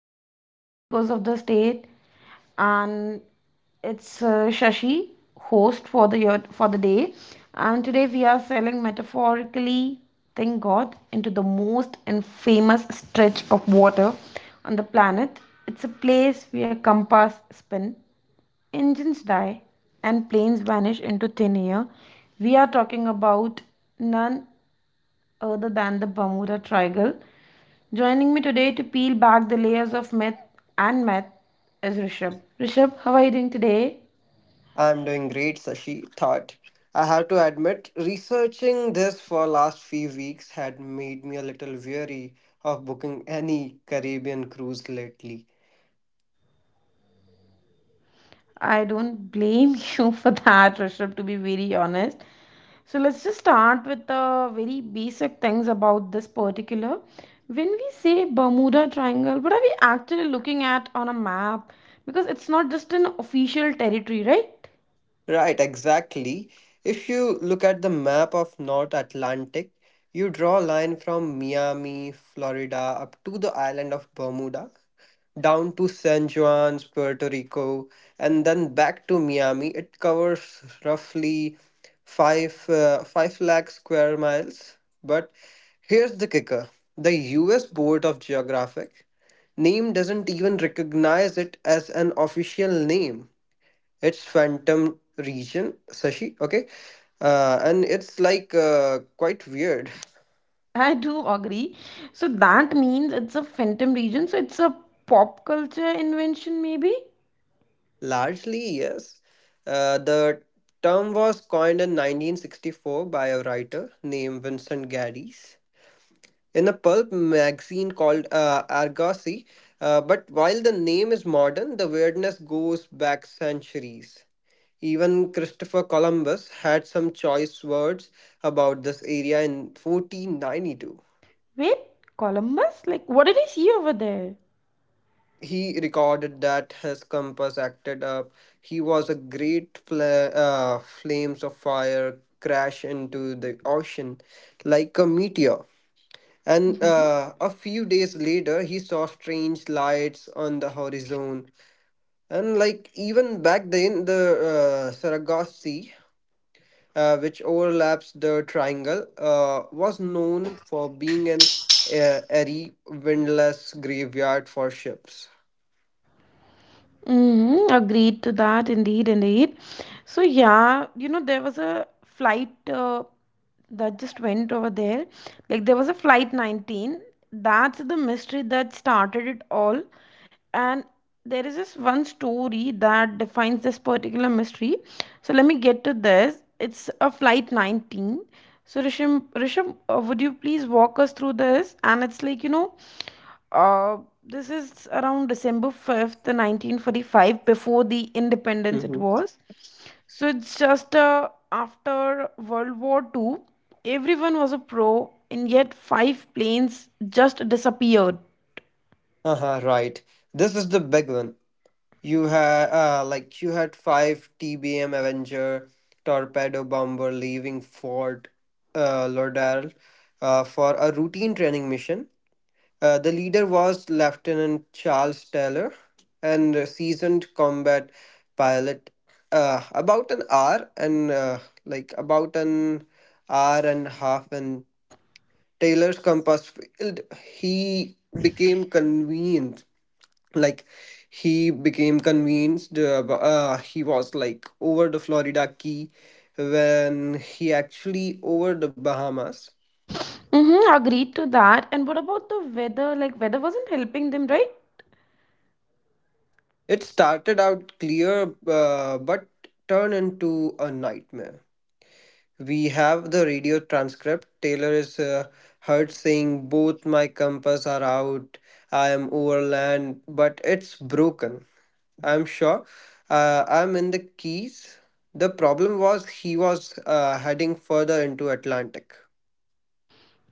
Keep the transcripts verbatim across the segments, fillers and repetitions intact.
series Echoes of the State, and it's uh, Shashi, host for the year for the day, and today we are sailing metaphorically, thank God, into the most infamous stretch of water on the planet. It's a place where compass spin, engines die, and planes vanish into thin air. We are talking about none other than the Bermuda Triangle. Joining me today to peel back the layers of myth and math is Rishabh. Rishabh, how are you doing today? I'm doing great, Sashi. Thought. I have to admit, researching this for last few weeks had made me a little weary of booking any Caribbean cruise lately. I don't blame you for that, Rishabh, to be very honest. So let's just start with the very basic things about this particular. When we say Bermuda Triangle, what are we actually looking at on a map? Because it's not just an official territory, right? Right, exactly. If you look at the map of North Atlantic, you draw a line from Miami, Florida, up to the island of Bermuda, down to San Juan's, Puerto Rico, and then back to Miami. It covers roughly five uh, five lakh square miles. But here's the kicker: the U S. Board of Geographic name doesn't even recognize it as an official name. It's Phantom Region, Sashi. Okay, uh, and it's like uh, quite weird. I do agree. So that means it's a phantom region. So it's a pop culture invention, maybe? Largely, yes. Uh, the term was coined in nineteen sixty-four by a writer named Vincent Gaddis in a pulp magazine called uh, Argosy. Uh, but while the name is modern, the weirdness goes back centuries. Even Christopher Columbus had some choice words about this area in fourteen ninety-two. Wait, Columbus? Like, what did I see over there? He recorded that his compass acted up. He was a great fla- uh, flames of fire crash into the ocean like a meteor. And Mhm. uh, a few days later, he saw strange lights on the horizon. And like even back then, the uh, Sargasso, Sea, uh, which overlaps the triangle, uh, was known for being an uh, airy, windless graveyard for ships. Mm-hmm. Agreed to that, indeed, indeed. So yeah, you know, there was a flight uh, that just went over there. Like there was a flight nineteen. That's the mystery that started it all. And there is this one story that defines this particular mystery. So let me get to this. It's a flight nineteen. So Risham, Risham, uh, would you please walk us through this? And it's like, you know, uh, this is around December fifth, nineteen forty-five, before the independence it Mm-hmm. was. So it's just uh, after World War Two, everyone was a pro, and yet five planes just disappeared. Uh-huh, right. This is the big one. You had uh, like you had five T B M Avenger torpedo bomber leaving Fort uh, Lauderdale uh, for a routine training mission. Uh, the leader was Lieutenant Charles Taylor, and a seasoned combat pilot. Uh, about an hour and uh, like about an hour and a half, and Taylor's compass field. He became convened like he became convinced uh, ab- uh, he was like over the florida key when he actually over the bahamas. Mm-hmm, agreed to that. And what about the weather? Like, weather wasn't helping them, right? It started out clear, uh, but turned into a nightmare. We have the radio transcript. Taylor is uh, heard saying both my compass are out, I am overland but it's broken, I'm sure. Uh, I'm in the Keys. The problem was he was uh, heading further into Atlantic.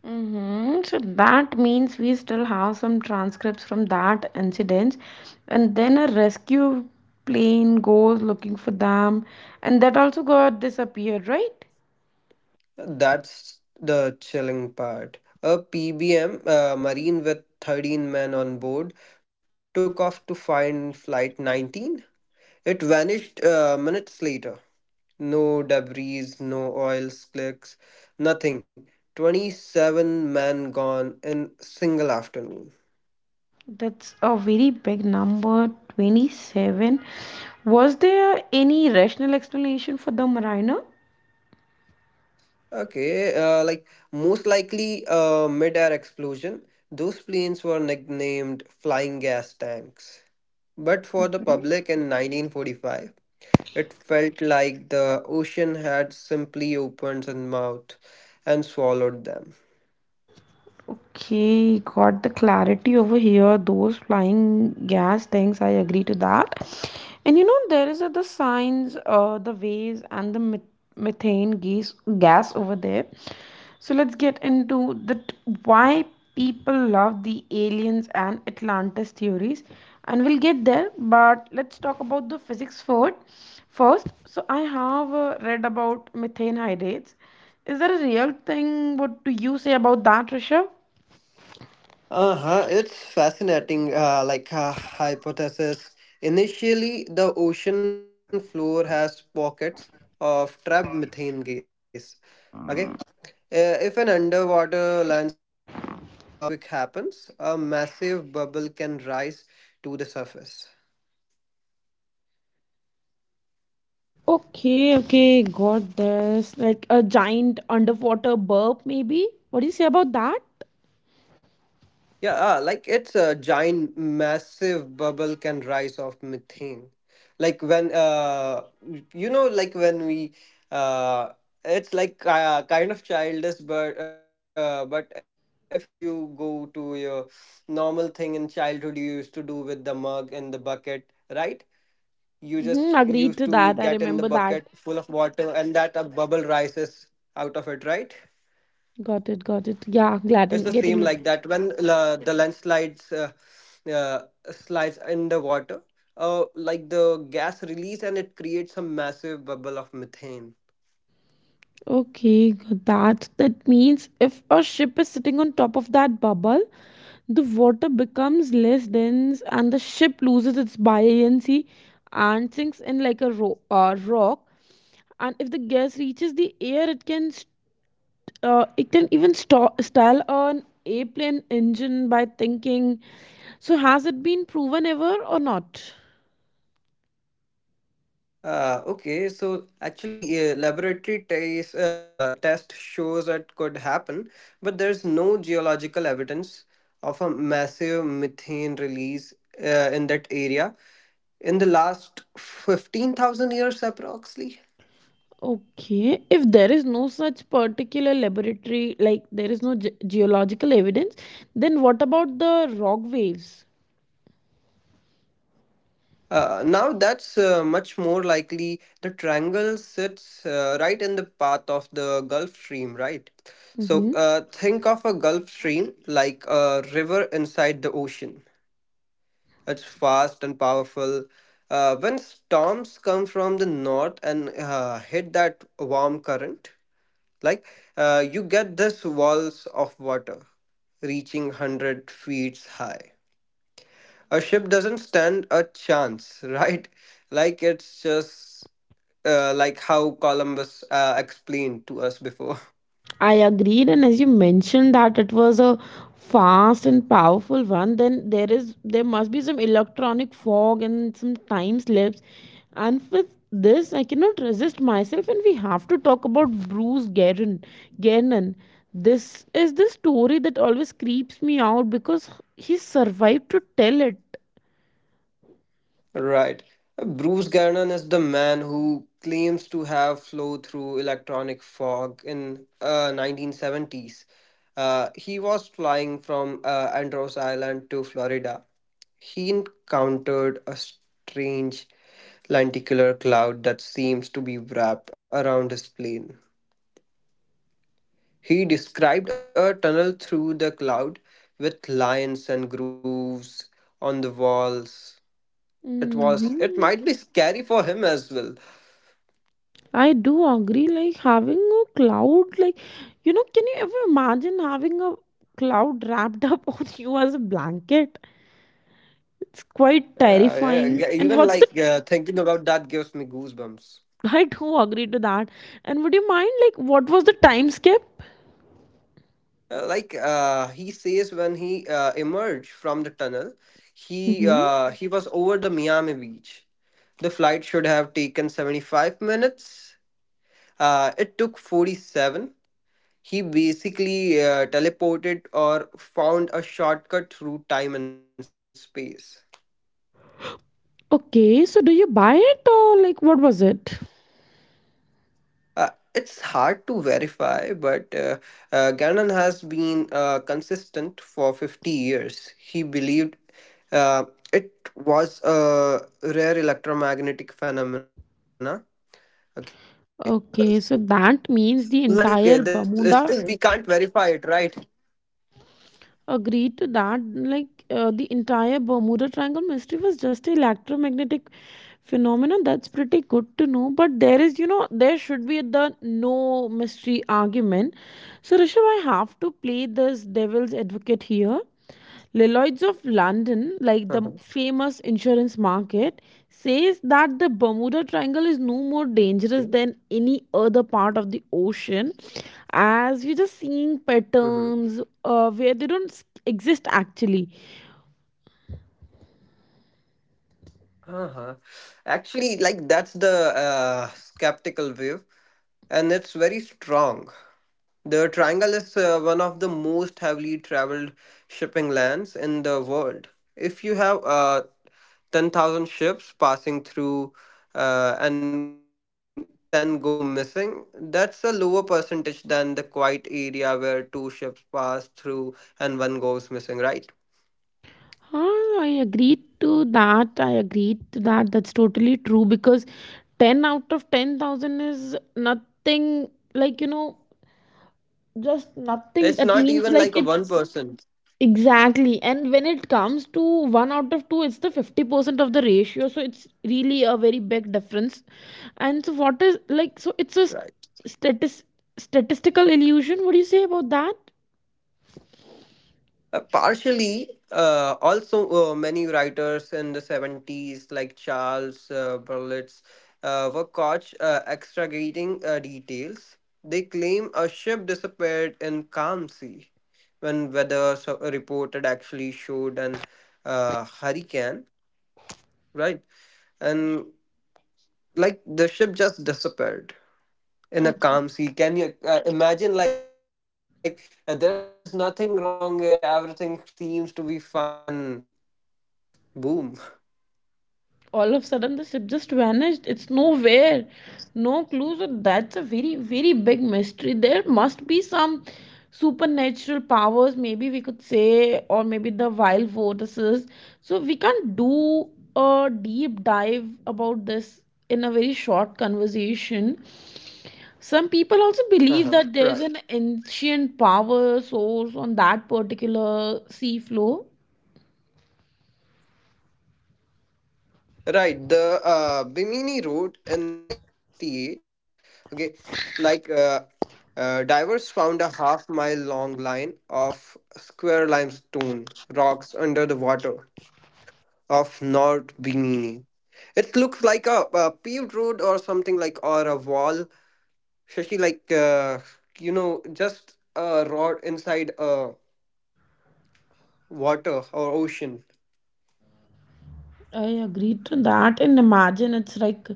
Mm-hmm. So that means we still have some transcripts from that incident, and then a rescue plane goes looking for them, and that also got disappeared, right? That's the chilling part. A P B M uh, Marine with thirteen men on board took off to find Flight nineteen. It vanished uh, minutes later. No debris, no oil slicks, nothing. twenty-seven men gone in single afternoon. That's a very big number, twenty-seven. Was there any rational explanation for the mariner? Okay, uh, like most likely uh, mid-air explosion. Those planes were nicknamed flying gas tanks. But for the public in nineteen forty-five, it felt like the ocean had simply opened its mouth and swallowed them. Okay, got the clarity over here. Those flying gas things, I agree to that. And you know, there is uh, the signs, uh, the waves, and the meth- methane gas gas over there. So let's get into that why people love the aliens and Atlantis theories, and we'll get there. But let's talk about the physics first. First, so I have uh, read about methane hydrates. Is that a real thing? What do you say about that, Rishabh? Uh-huh, it's fascinating, uh, like a hypothesis. Initially, the ocean floor has pockets of trapped methane gas. Okay, Uh, if an underwater landslide or earthquake happens, a massive bubble can rise to the surface. Okay, okay, got this. Like a giant underwater burp, maybe? What do you say about that? Yeah, ah, like it's a giant, massive bubble can rise of methane. Like when, uh, you know, like when we, uh, it's like uh, kind of childish, but uh, but if you go to your normal thing in childhood, you used to do with the mug and the bucket, right? You Mm-hmm, just agreed to used that. to I get in the remember that. bucket full of water, and that a bubble rises out of it, right? Got it, got it. Yeah, glad It's I'm the getting same it. like that when la the landslides uh, uh, slides in the water, uh, like the gas release and it creates a massive bubble of methane. Okay, got that. That means if a ship is sitting on top of that bubble, the water becomes less dense and the ship loses its buoyancy and sinks in like a ro- uh, rock. And if the gas reaches the air, it can uh, it can even sto- stall an airplane engine by thinking. So, has it been proven ever or not? Uh, okay, so actually, uh, laboratory test uh, test shows that could happen, but there's no geological evidence of a massive methane release uh, in that area in the last fifteen thousand years approximately. Okay, if there is no such particular laboratory, like there is no ge- geological evidence, then what about the rock waves? Uh, now that's uh, much more likely. The triangle sits uh, right in the path of the Gulf Stream, right? So Mhm. uh, think of a Gulf Stream like a river inside the ocean. It's fast and powerful. Uh, when storms come from the north and uh, hit that warm current, like uh, you get this walls of water reaching one hundred feet high. A ship doesn't stand a chance. Right, like it's just uh, like how columbus uh, explained to us before. I agreed, and as you mentioned that it was a fast and powerful one, then there is there must be some electronic fog and some time slips. And with this, I cannot resist myself, and we have to talk about Bruce Gannon. Gannon. This is the story that always creeps me out because he survived to tell it. Right, bruce gannon is the man who claims to have flown through electronic fog in uh, nineteen seventies. Uh, he was flying from uh, andros island to florida. He encountered a strange lenticular cloud that seems to be wrapped around his plane. He described a tunnel through the cloud with lines and grooves on the walls. It was it might be Mhm. scary for him as well. I do agree, like having a cloud, like, you know, can you ever imagine having a cloud wrapped up on you as a blanket? It's Uh, quite yeah, g- even terrifying. like And uh, what's the, thinking about that gives me goosebumps. I do agree to that. And would you mind, like, what was the time skip? Uh, like uh, he says when he uh, emerged from the tunnel, he Mm-hmm. uh, he was over the Miami beach. The flight should have taken seventy-five minutes. Uh, it took forty-seven. He basically uh, teleported or found a shortcut through time and space. Okay, so do you buy it or like what was it? Uh, it's hard to verify, but uh, uh, Ganon has been uh, consistent for fifty years. He believed uh, it was a rare electromagnetic phenomena. Okay, uh, so Okay, so like uh, that there's uh, means the still we entire can't verify it, Bermuda right? agreed to that like uh, the entire Bermuda Triangle mystery was just electromagnetic phenomenon. That's pretty good to know, but there is, you know, there should be the no mystery argument. So Rishabh, I have to play this devil's advocate here. Lloyds of London, Uh-huh. like the famous insurance market, says that the Bermuda Triangle is Okay. no more dangerous than any other part of the ocean, as we're just seeing Mm-hmm. patterns uh, where they don't s- exist actually. Uh-huh. Actually, like that's the uh, skeptical view. And it's very strong. The triangle is uh, one of the most heavily traveled shipping lands in the world. If you have uh, ten thousand ships passing through uh, and ten go missing, that's a lower percentage than the quiet area where two ships pass through and one goes missing, right? Ah, I agreed to that. I agreed to that. That's totally true because ten out of ten thousand is nothing, like you know, just nothing. It's That not means even like like a it's... one percent, Exactly. And when it comes to one out of two, it's the fifty percent of the ratio. So it's really a very big difference. And so, what is like, so right? it's a statis- statistical illusion. What do you say about that? Uh, partially, uh, also uh, many writers in the seventies, like Charles uh, Berlitz, uh, were caught uh, extragating uh, details. They claim a ship disappeared in calm sea when weather so- uh, reported actually showed an uh, hurricane, right? And like the ship just disappeared in a calm sea. Can you uh, imagine? Like uh, there's nothing wrong. Uh, everything seems to be fine, and boom. All of a sudden the ship just vanished. It's nowhere, no clues. So that's a very, very big mystery. There must be some supernatural powers, maybe we could say, or maybe the wild vortices. So we can't do a deep dive about this in a very short conversation. Some people also believe that there's an Uh-huh. Right. ancient power source on that particular sea floor. Right, the uh, Bimini Road in nineteen sixty-eight. Okay, like uh, uh, divers found a half mile long line of square limestone rocks under the water of North Bimini. It looks like a, a paved road or something like or a wall. Shashi, like uh, you know, just a rod inside a water or ocean. I agree to that. And imagine it's like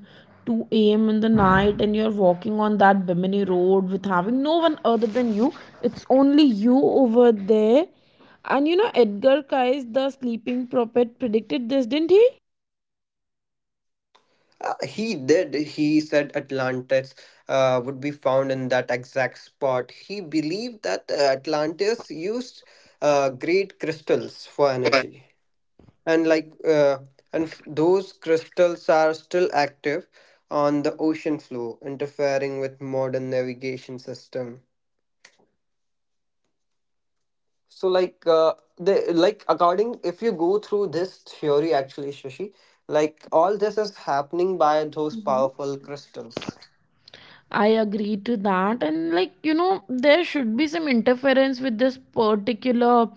two a m in the night and you're walking on that Bimini road with having no one other than you. It's only you over there. And you know, Edgar Cayce, the sleeping prophet, predicted this, didn't he? Uh, he did. He said Atlantis uh, would be found in that exact spot. He believed that uh, Atlantis used uh, great crystals for energy, and like uh, and f- those crystals are still active on the ocean floor, interfering with modern navigation system. So like uh, the like according if you go through this theory actually, Shashi, like all this is happening by Mhm. those powerful crystals. I agree to that. And, like, you know, there should be some interference with this particular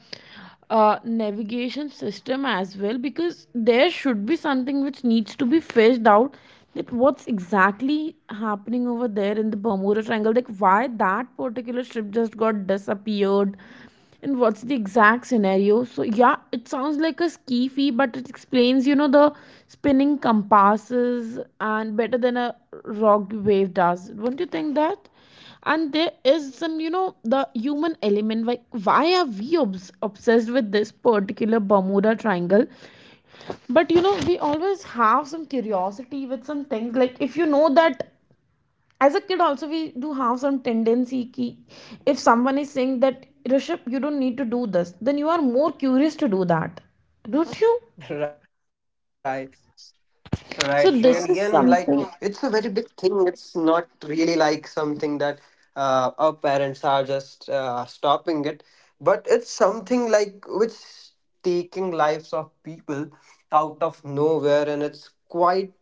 uh, navigation system as well because there should be something which needs to be fished out, that what's exactly happening over there in the Bermuda Triangle. Like, why that particular ship just got disappeared and what's the exact scenario? So yeah, it sounds like a ski fee, but it explains, you know, the spinning compasses and better than a rock wave does. Don't you think that? And there is some, you know, the human element. Like, why are we obs- obsessed with this particular Bermuda Triangle? But you know, we always have some curiosity with some things. Like, if you know that, as a kid also, we do have some tendency ki, if someone is saying that, Rishabh, you don't need to do this, then you are more curious to do that, don't you? Right, right, So really. this And is... like, it's a very big thing. It's not really like something that uh, our parents are just uh, stopping it, but it's something like which taking lives of people out of nowhere. And it's quite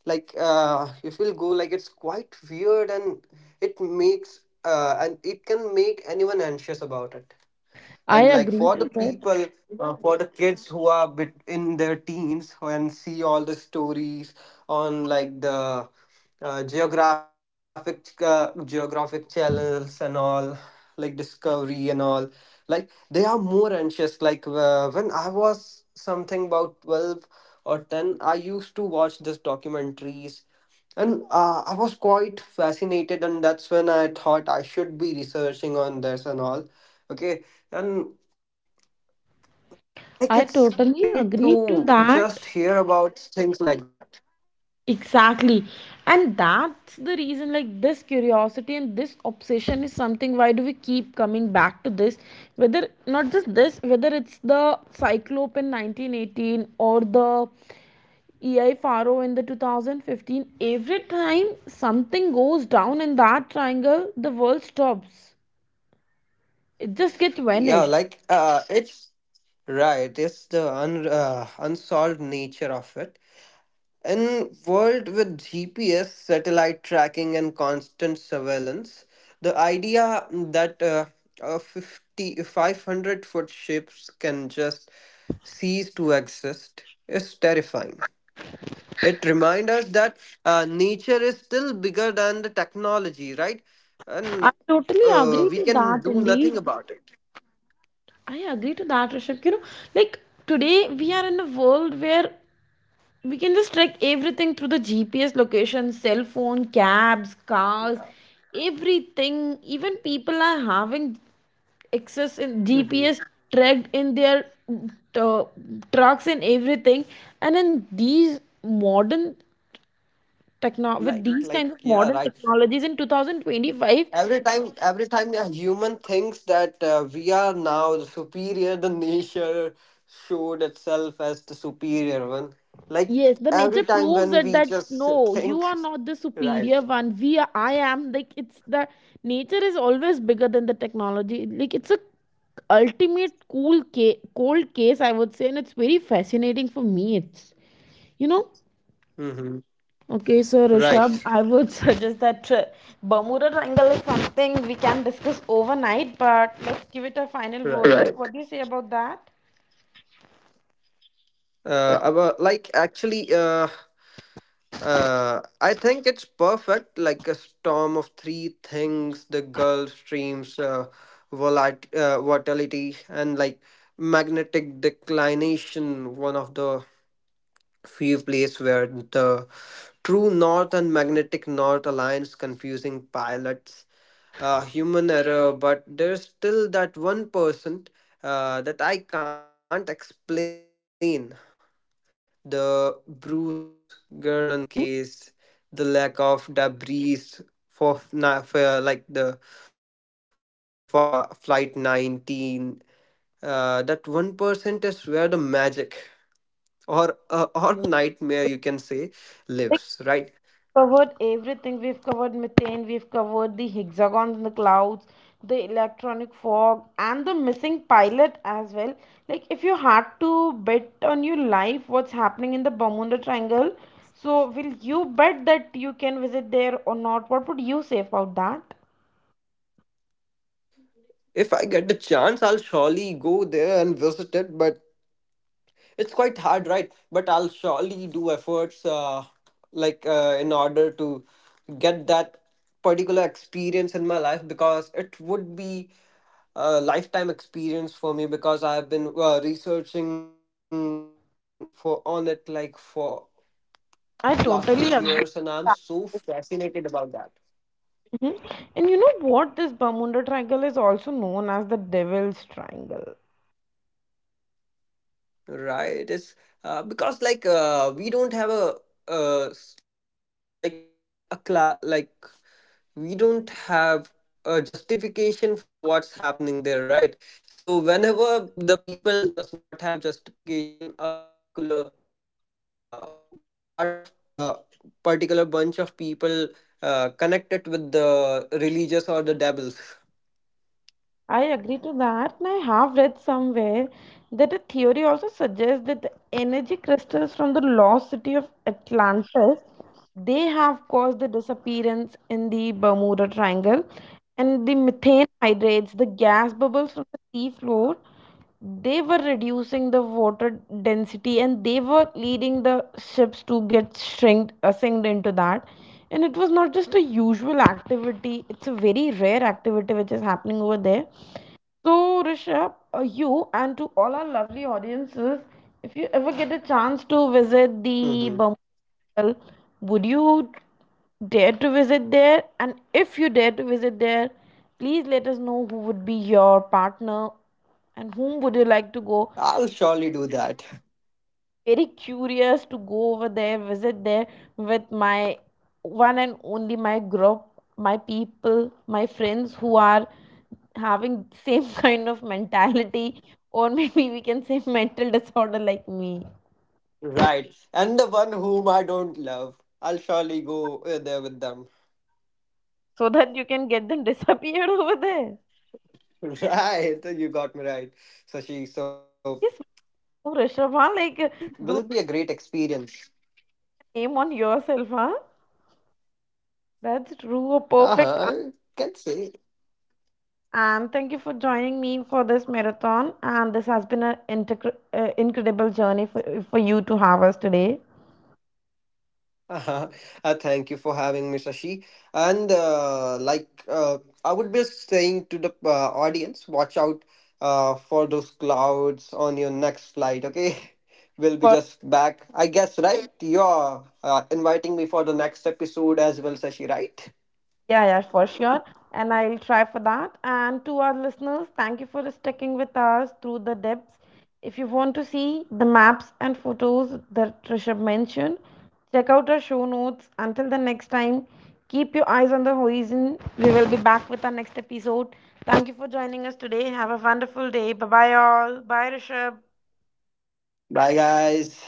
like, uh, if you'll go, like, it's quite weird and it makes, uh, and it can make anyone anxious about it I and like agree for the to that. people uh, for the kids who are bit in their teens and see all the stories on like the uh, geographic uh, geographic channels and all like discovery and all like they are more anxious like uh, when I was something about twelve or ten I used to watch these documentaries and uh, I was quite fascinated and that's when I thought I should be researching on this and all, okay. And like it's I great totally to agree just to hear about that. things like that. Exactly. And that's the reason, like, this curiosity and this obsession is something. Why do we keep coming back to this? Whether not just this, whether it's the Cyclope in nineteen eighteen or the E I Faro in the two thousand fifteen, every time something goes down in that triangle, the world stops. It just gets Yeah vanished. like uh it's Right, it's the un- uh, unsolved nature of it in world with gps satellite tracking and constant surveillance. The idea that uh, a fifty five hundred foot ships can just cease to exist is terrifying. It reminds us that uh, nature is still bigger than the technology, right? I And totally uh, agree we to can that, do indeed. nothing about it. I agree to that, Rishabh. You know, like today we are in a world where we can just track everything through the G P S location, cell phone, cabs, cars, Yeah. everything. Even people are having Mhm. access in G P S tracked in their uh, trucks and everything, and in these modern techno, Like, with like, these kinds of yeah, right. modern technologies in two thousand twenty-five. Every time, every time a human thinks that uh, we are now the superior, the nature showed itself as the superior one. Yes, Like the nature every time proves when it we that just no, you are think, not the right? superior one. We are, I am. Like it's the... nature is always bigger than the technology. Like it's a ultimate cool case, cold case, I would say, and it's very fascinating for me. It's, you know. Mm-hmm. Okay, so Right. Rishabh, I would suggest that uh, Bermuda Triangle is something we can discuss overnight, but let's give it a final vote. Right. Right. What do you say about that? Uh, about, like actually, uh, Uh, I think it's perfect, like a storm of three things: the Gulf Stream's uh, volat- uh, volatility and like magnetic declination. One of the few places where the true north and magnetic north alliance confusing pilots. Uh, human error, but there's still that one person uh, that I can't explain. The Bruce Gernon case, the lack of debris for, f- na- for like the for, fa flight nineteen, uh, that one percent is where the magic or uh, or nightmare you can say lives, right? Covered everything. We've covered methane, we've covered the hexagons in the clouds, the electronic fog, and the missing pilot as well. Like, if you had to bet on your life what's happening in the Bermuda Triangle, so will you bet that you can visit there or not? What would you say about that? If I get the chance, I'll surely go there and visit it. But it's quite hard, right, but I'll surely do efforts, uh, like uh, in order to get that particular experience in my life, because it would be a lifetime experience for me because I have been uh, researching for on it like for last few I years and I'm totally so agree. fascinated about that. Mhm. And you know what? This Bermuda Triangle is also known as the Devil's Triangle. Right it's uh, because like uh, we don't have a uh, s- like a class like we don't have a justification for what's happening there, right? So whenever the people does not have justification a particular, uh, part of uh, particular bunch of people uh, connected with the religious or the devils. I agree to that, and I have read somewhere that a theory also suggests that the energy crystals from the lost city of Atlantis, they have caused the disappearance in the Bermuda Triangle, and the methane hydrates, the gas bubbles from the sea floor, they were reducing the water density and they were leading the ships to get shrinked, uh, sinked into that. And it was not just a usual activity, it's a very rare activity which is happening over there. So, Rishabh, uh, you and to all our lovely audiences, if you ever get a chance to visit Mhm. the Bumble, would you dare to visit there? And if you dare to visit there, please let us know who would be your partner and whom would you like to I'll go. surely do that. Very curious to go over there, visit there with my one and only my group, my people, my friends who are having same kind of mentality or maybe we can say mental disorder like me, Right. And the one whom I don't love, I'll surely go uh, there with them. so that you can get them disappeared over there. Right. You got me right, Sashi. So Yes. it's Wow, will Rishabh, be huh? a Like, great do experience. a name on yourself, huh? That's true, a Uh-huh. perfect... Can say. And thank you for joining me for this marathon. And this has been an integr- uh, incredible journey for, for you to have us today. Uh-huh. Uh, thank you for having me, Sashi. And uh, like uh, I would be saying to the uh, audience, watch out uh, for those clouds on your next flight, okay? We'll be For, just back. I guess, right? You're uh, inviting me for the next episode as well, Sashi, right? yeah, yeah, for sure. And I'll try for that. And to our listeners, thank you for sticking with us through the depths. If you want to see the maps and photos that Trisha mentioned, check out our show notes. Until the next time, keep your eyes on the horizon. We will be back with our next episode. Thank you for joining us today. Have a wonderful day. Bye bye, all. Bye, Rishabh. Bye, guys.